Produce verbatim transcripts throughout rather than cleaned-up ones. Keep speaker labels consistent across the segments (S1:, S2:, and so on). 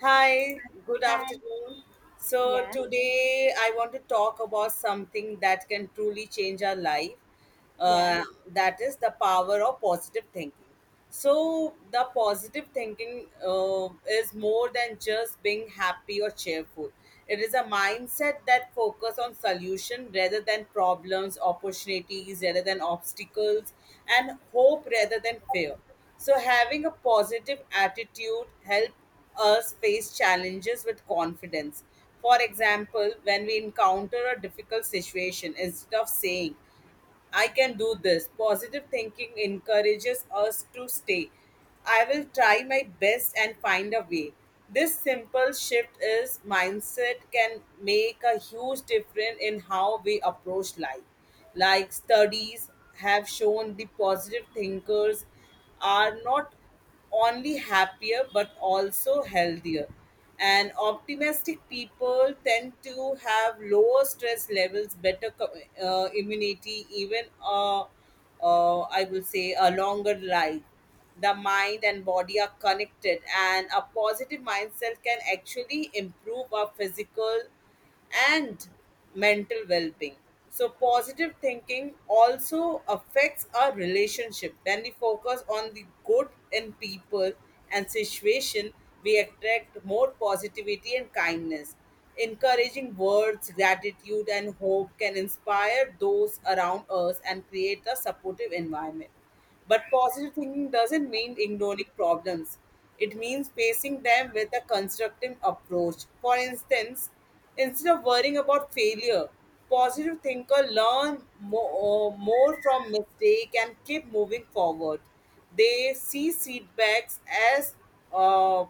S1: Hi, good
S2: Hi.
S1: afternoon. So,
S2: Yeah,
S1: today I want to talk about something that can truly change our life.
S2: yeah.
S1: Uh, that is the power of positive thinking. So, the positive thinking uh, is more than just being happy or cheerful. It is a mindset that focuses on solution rather than problems, opportunities rather than obstacles, and hope rather than fear. So having a positive attitude help us face challenges with confidence. For example, when we encounter a difficult situation, instead of saying, I can do this. Positive thinking encourages us to stay. I will try my best and find a way. This simple shift is mindset can make a huge difference in how we approach life. Like studies have shown the positive thinkers are not only happier but also healthier. And optimistic people tend to have lower stress levels, better co- uh, immunity, even uh, uh, I will say a longer life. The mind and body are connected, and a positive mindset can actually improve our physical and mental well being. So, positive thinking also affects our relationship. When we focus on the good in people and situation, we attract more positivity and kindness. Encouraging words, gratitude, and hope can inspire those around us and create a supportive environment. But positive thinking doesn't mean ignoring problems. It means facing them with a constructive approach. For instance, instead of worrying about failure, positive thinker learn more, more from mistake and keep moving forward. They see setbacks as uh,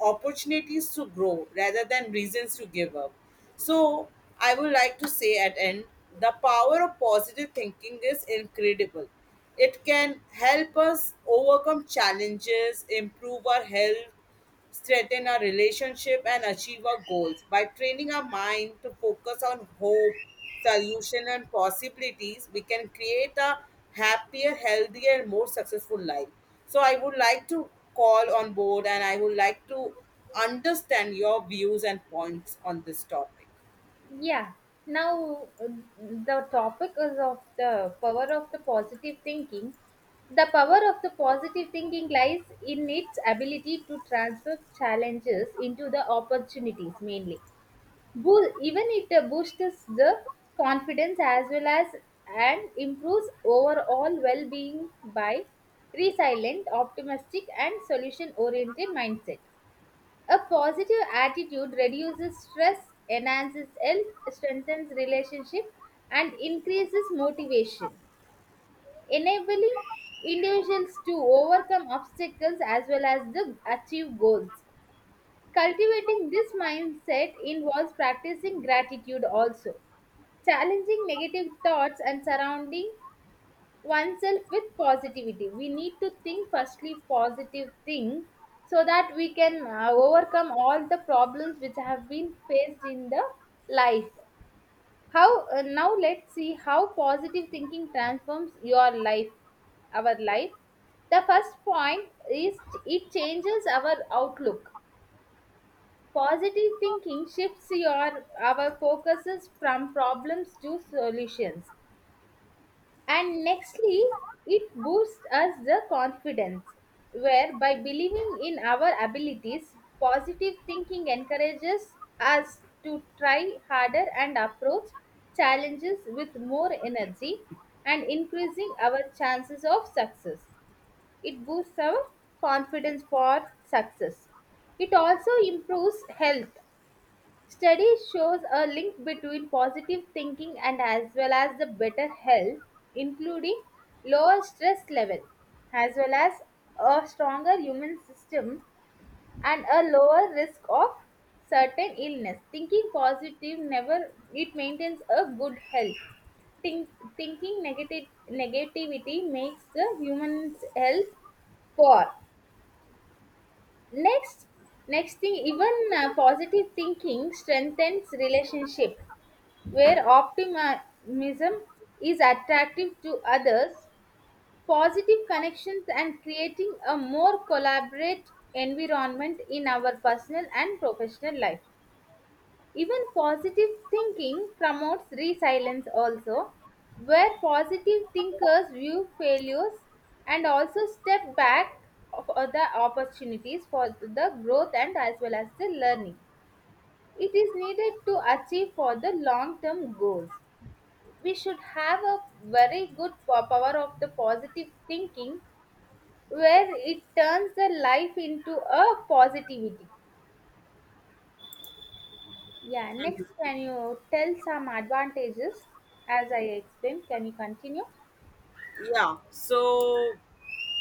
S1: opportunities to grow rather than reasons to give up. So I would like to say at end, the power of positive thinking is incredible. It can help us overcome challenges, improve our health, strengthen our relationship, and achieve our goals. By training our mind to focus on hope, solution, and possibilities, we can create a happier, healthier, and more successful life. So, I would like to call on board and I would like to understand your views and points on this topic.
S2: Yeah. Now, uh, the topic is of the power of the positive thinking. The power of the positive thinking lies in its ability to transfer challenges into the opportunities mainly. Boo- Even it uh, boosts the confidence as well as and improves overall well being by resilient, optimistic, and solution oriented mindset. A positive attitude reduces stress, enhances health, strengthens relationship, and increases motivation, enabling individuals to overcome obstacles as well as the achieve goals. Cultivating this mindset involves practicing gratitude also, challenging negative thoughts and surrounding oneself with positivity. We need to think firstly positive thing so that we can uh, overcome all the problems which have been faced in the life. How uh, Now let's see how positive thinking transforms your life, our life. The first point is it changes our outlook. Positive thinking shifts your our focuses from problems to solutions and nextly, it boosts us the confidence, where by believing in our abilities, positive thinking encourages us to try harder and approach challenges with more energy and increasing our chances of success. It boosts our confidence for success. It also improves health. Study shows a link between positive thinking and as well as the better health, including lower stress level, as well as a stronger human system and a lower risk of certain illness. Thinking positive never it maintains a good health. Think, Thinking negative negativity makes the human's health poor. Next, next thing, even uh, positive thinking strengthens relationship where optimism is attractive to others, positive connections, and creating a more collaborative environment in our personal and professional life. Even positive thinking promotes resilience also, where positive thinkers view failures and also step back for the opportunities for the growth and as well as the learning. It is needed to achieve for the long term goals, we should have a very good po- power of the positive thinking where it turns the life into a positivity. Yeah, next, can you tell some advantages as I explained? Can you continue?
S1: Yeah, so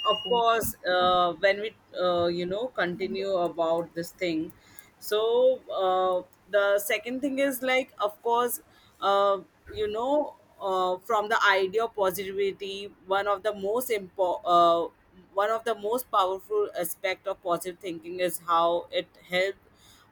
S1: of course uh, when we uh, you know continue about this thing, so uh, the second thing is like of course, uh, you know uh, from the idea of positivity, one of the most impo- uh, one of the most powerful aspect of positive thinking is how it helps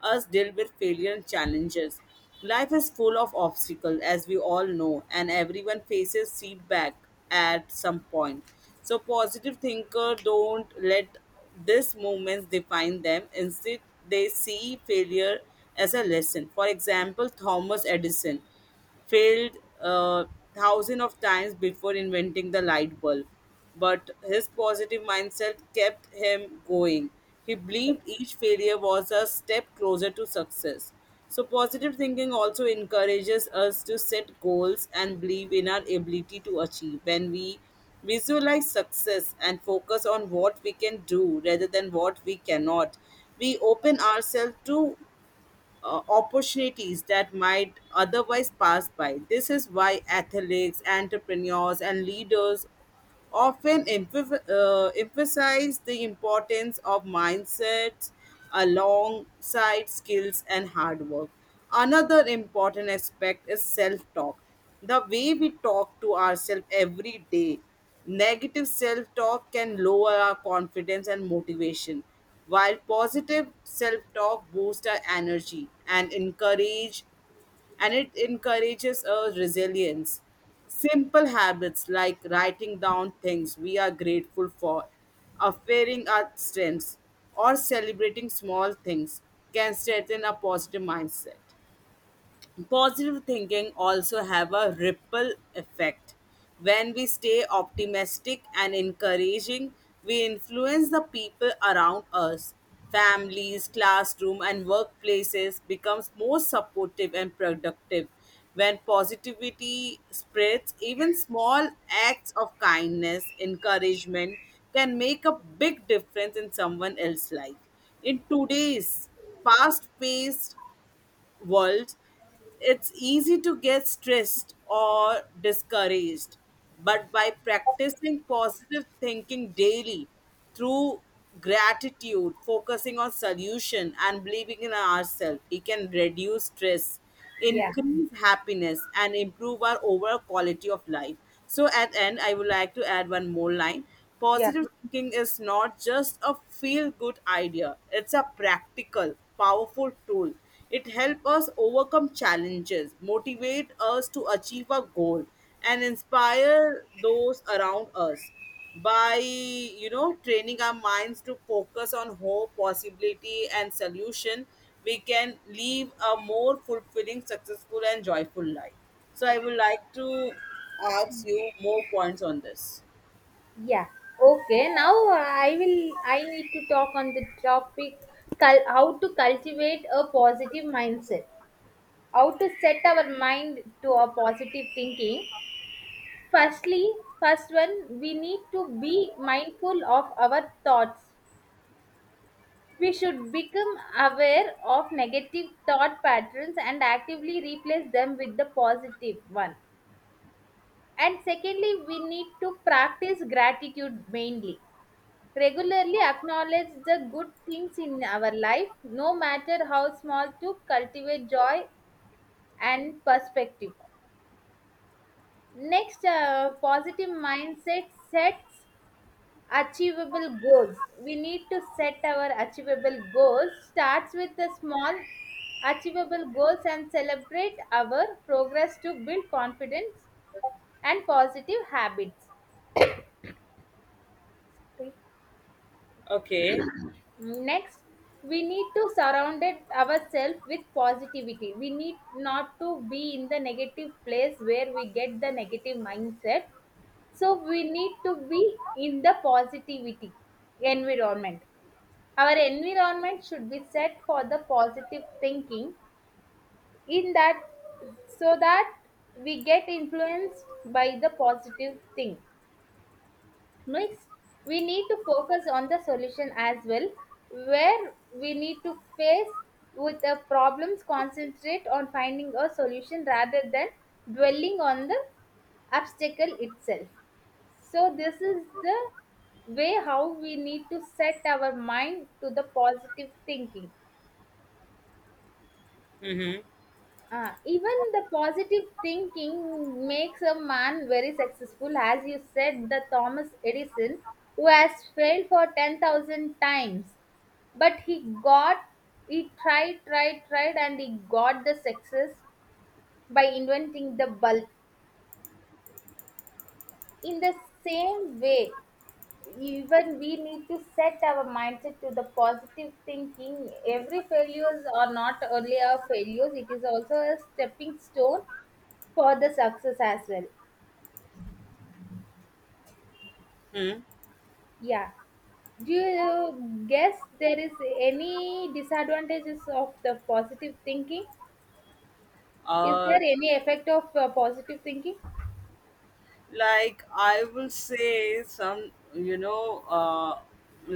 S1: us deal with failure and challenges. Life is full of obstacles, as we all know, and everyone faces setback at some point. So, positive thinker don't let these moments define them. Instead, they see failure as a lesson. For example, Thomas Edison failed uh, thousands of times before inventing the light bulb. But his positive mindset kept him going. He believed each failure was a step closer to success. So, positive thinking also encourages us to set goals and believe in our ability to achieve. When we visualize success and focus on what we can do rather than what we cannot, we open ourselves to uh, opportunities that might otherwise pass by. This is why athletes, entrepreneurs, and leaders often emph- uh, emphasize the importance of mindsets alongside skills and hard work. Another important aspect is self talk. The way we talk to ourselves every day, negative self talk can lower our confidence and motivation, while positive self talk boosts our energy and encourage and it encourages our resilience. Simple habits like writing down things we are grateful for, affirming our strengths, or celebrating small things can strengthen a positive mindset. Positive thinking also have a ripple effect. When we stay optimistic and encouraging, we influence the people around us. Families, classroom, and workplaces becomes more supportive and productive. When positivity spreads, even small acts of kindness, encouragement can make a big difference in someone else's life. In today's fast paced world, it's easy to get stressed or discouraged. But by practicing positive thinking daily through gratitude, focusing on solution, and believing in ourselves, we can reduce stress,
S2: Yeah,
S1: increase happiness, and improve our overall quality of life. So at end, I would like to add one more line.
S2: yeah,
S1: Positive thinking is not just a feel good idea, it's a practical powerful tool. It helps us overcome challenges, motivate us to achieve a goal, and inspire those around us. By you know training our minds to focus on hope, possibility, and solution, we can live a more fulfilling, successful, and joyful life. So I would like to ask you more points on this.
S2: yeah. Okay now uh, i will I need to talk on the topic, cul- how to cultivate a positive mindset, how to set our mind to a positive thinking. Firstly, first one, we need to be mindful of our thoughts. We should become aware of negative thought patterns and actively replace them with the positive one. And secondly, we need to practice gratitude mainly. Regularly acknowledge the good things in our life, no matter how small, to cultivate joy and perspective. Next, uh, positive mindset sets achievable goals. We need to set our achievable goals. Starts with the small achievable goals and celebrate our progress to build confidence and positive habits. Okay.
S1: Okay.
S2: Next, we need to surround it ourselves with positivity. We need not to be in the negative place where we get the negative mindset. So we need to be in the positivity environment. Our environment should be set for the positive thinking in that, so that we get influenced by the positive thing. Next, we need to focus on the solution as well, where we need to face with the problems, concentrate on finding a solution rather than dwelling on the obstacle itself. So this is the way how we need to set our mind to the positive thinking.
S1: Mm-hmm.
S2: Ah, even the positive thinking makes a man very successful, as you said, the Thomas Edison, who has failed for ten thousand times. But he got, he tried, tried, tried, and he got the success by inventing the bulb. In the same way, even we need to set our mindset to the positive thinking. Every failures are not only a failures, it is also a stepping stone for the success as well.
S1: Hmm.
S2: Yeah. Do you guess there is any disadvantages of the positive thinking? Is there
S1: uh
S2: any effect of uh, positive thinking?
S1: like I will say some, you know uh,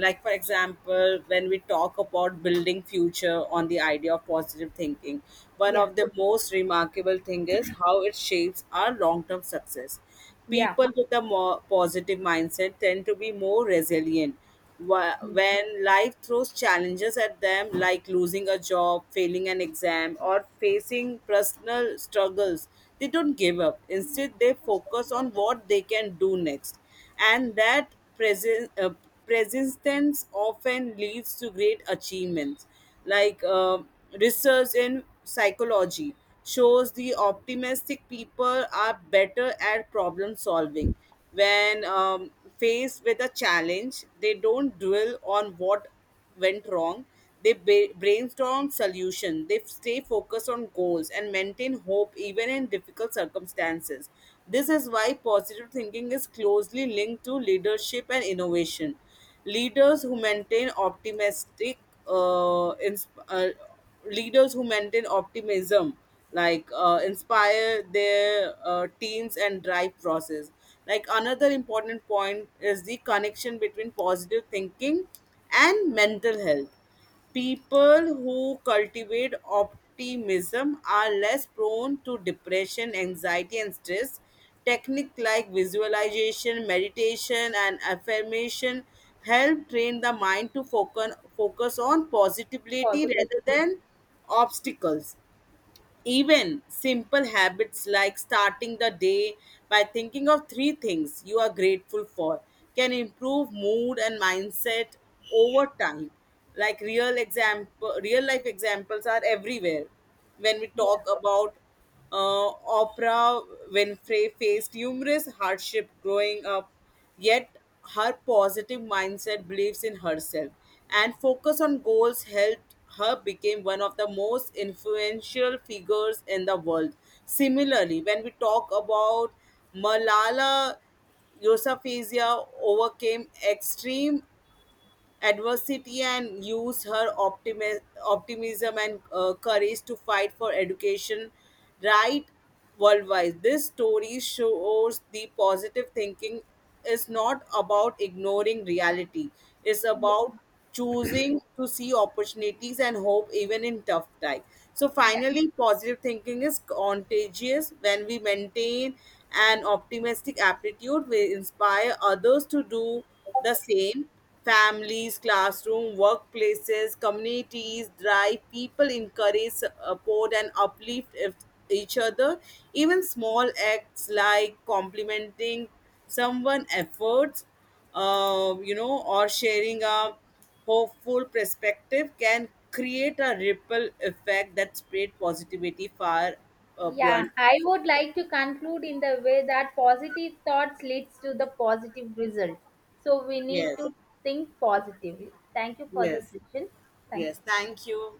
S1: like for example, when we talk about building future on the idea of positive thinking, one
S2: Yeah.
S1: of the most remarkable thing is how it shapes our long term success.
S2: Yeah.
S1: People with a more positive mindset tend to be more resilient. Wh-
S2: Yeah.
S1: When life throws challenges at them, like losing a job, failing an exam, or facing personal struggles, they don't give up. Instead, they focus on what they can do next. And that presen- uh, persistence often leads to great achievements, like uh, research in psychology shows the optimistic people are better at problem solving. When um, faced with a challenge, they don't dwell on what went wrong. They ba- brainstorm solution, they stay focused on goals and maintain hope even in difficult circumstances. This is why positive thinking is closely linked to leadership and innovation. Leaders who maintain optimistic uh, ins- uh, Leaders who maintain optimism, like uh, inspire their uh, teams and drive process. Like another important point is the connection between positive thinking and mental health. People who cultivate optimism are less prone to depression, anxiety, and stress. Techniques like visualization, meditation, and affirmation help train the mind to focus, focus on positivity
S2: Positive.
S1: rather than obstacles. Even simple habits like starting the day by thinking of three things you are grateful for can improve mood and mindset over time. Like real example, real life examples are everywhere. When we
S2: Yeah.
S1: talk about uh, Oprah Winfrey, faced numerous hardship growing up, yet her positive mindset, beliefs in herself, and focus on goals helped her become one of the most influential figures in the world. Similarly, when we talk about Malala Yousafzai, overcame extreme adversity and used her optimi- optimism and uh, courage to fight for education right worldwide. This story shows the positive thinking is not about ignoring reality, it's
S2: Yeah.
S1: about choosing to see opportunities and hope even in tough time. So
S2: Yeah.
S1: finally, positive thinking is contagious. When we maintain an optimistic aptitude, we inspire others to do the same. Families, classroom, workplaces, communities drive people encourage, support, and uplift if- each other. Even small acts like complimenting someone' efforts, uh, you know, or sharing a hopeful perspective can create a ripple effect that spread positivity far uh,
S2: Yeah,
S1: beyond.
S2: I would like to conclude in the way that positive thoughts leads to the positive result. So we need
S1: Yes,
S2: to think positively. Thank you for the
S1: yes,
S2: session. Thank
S1: yes.
S2: you.
S1: Thank you.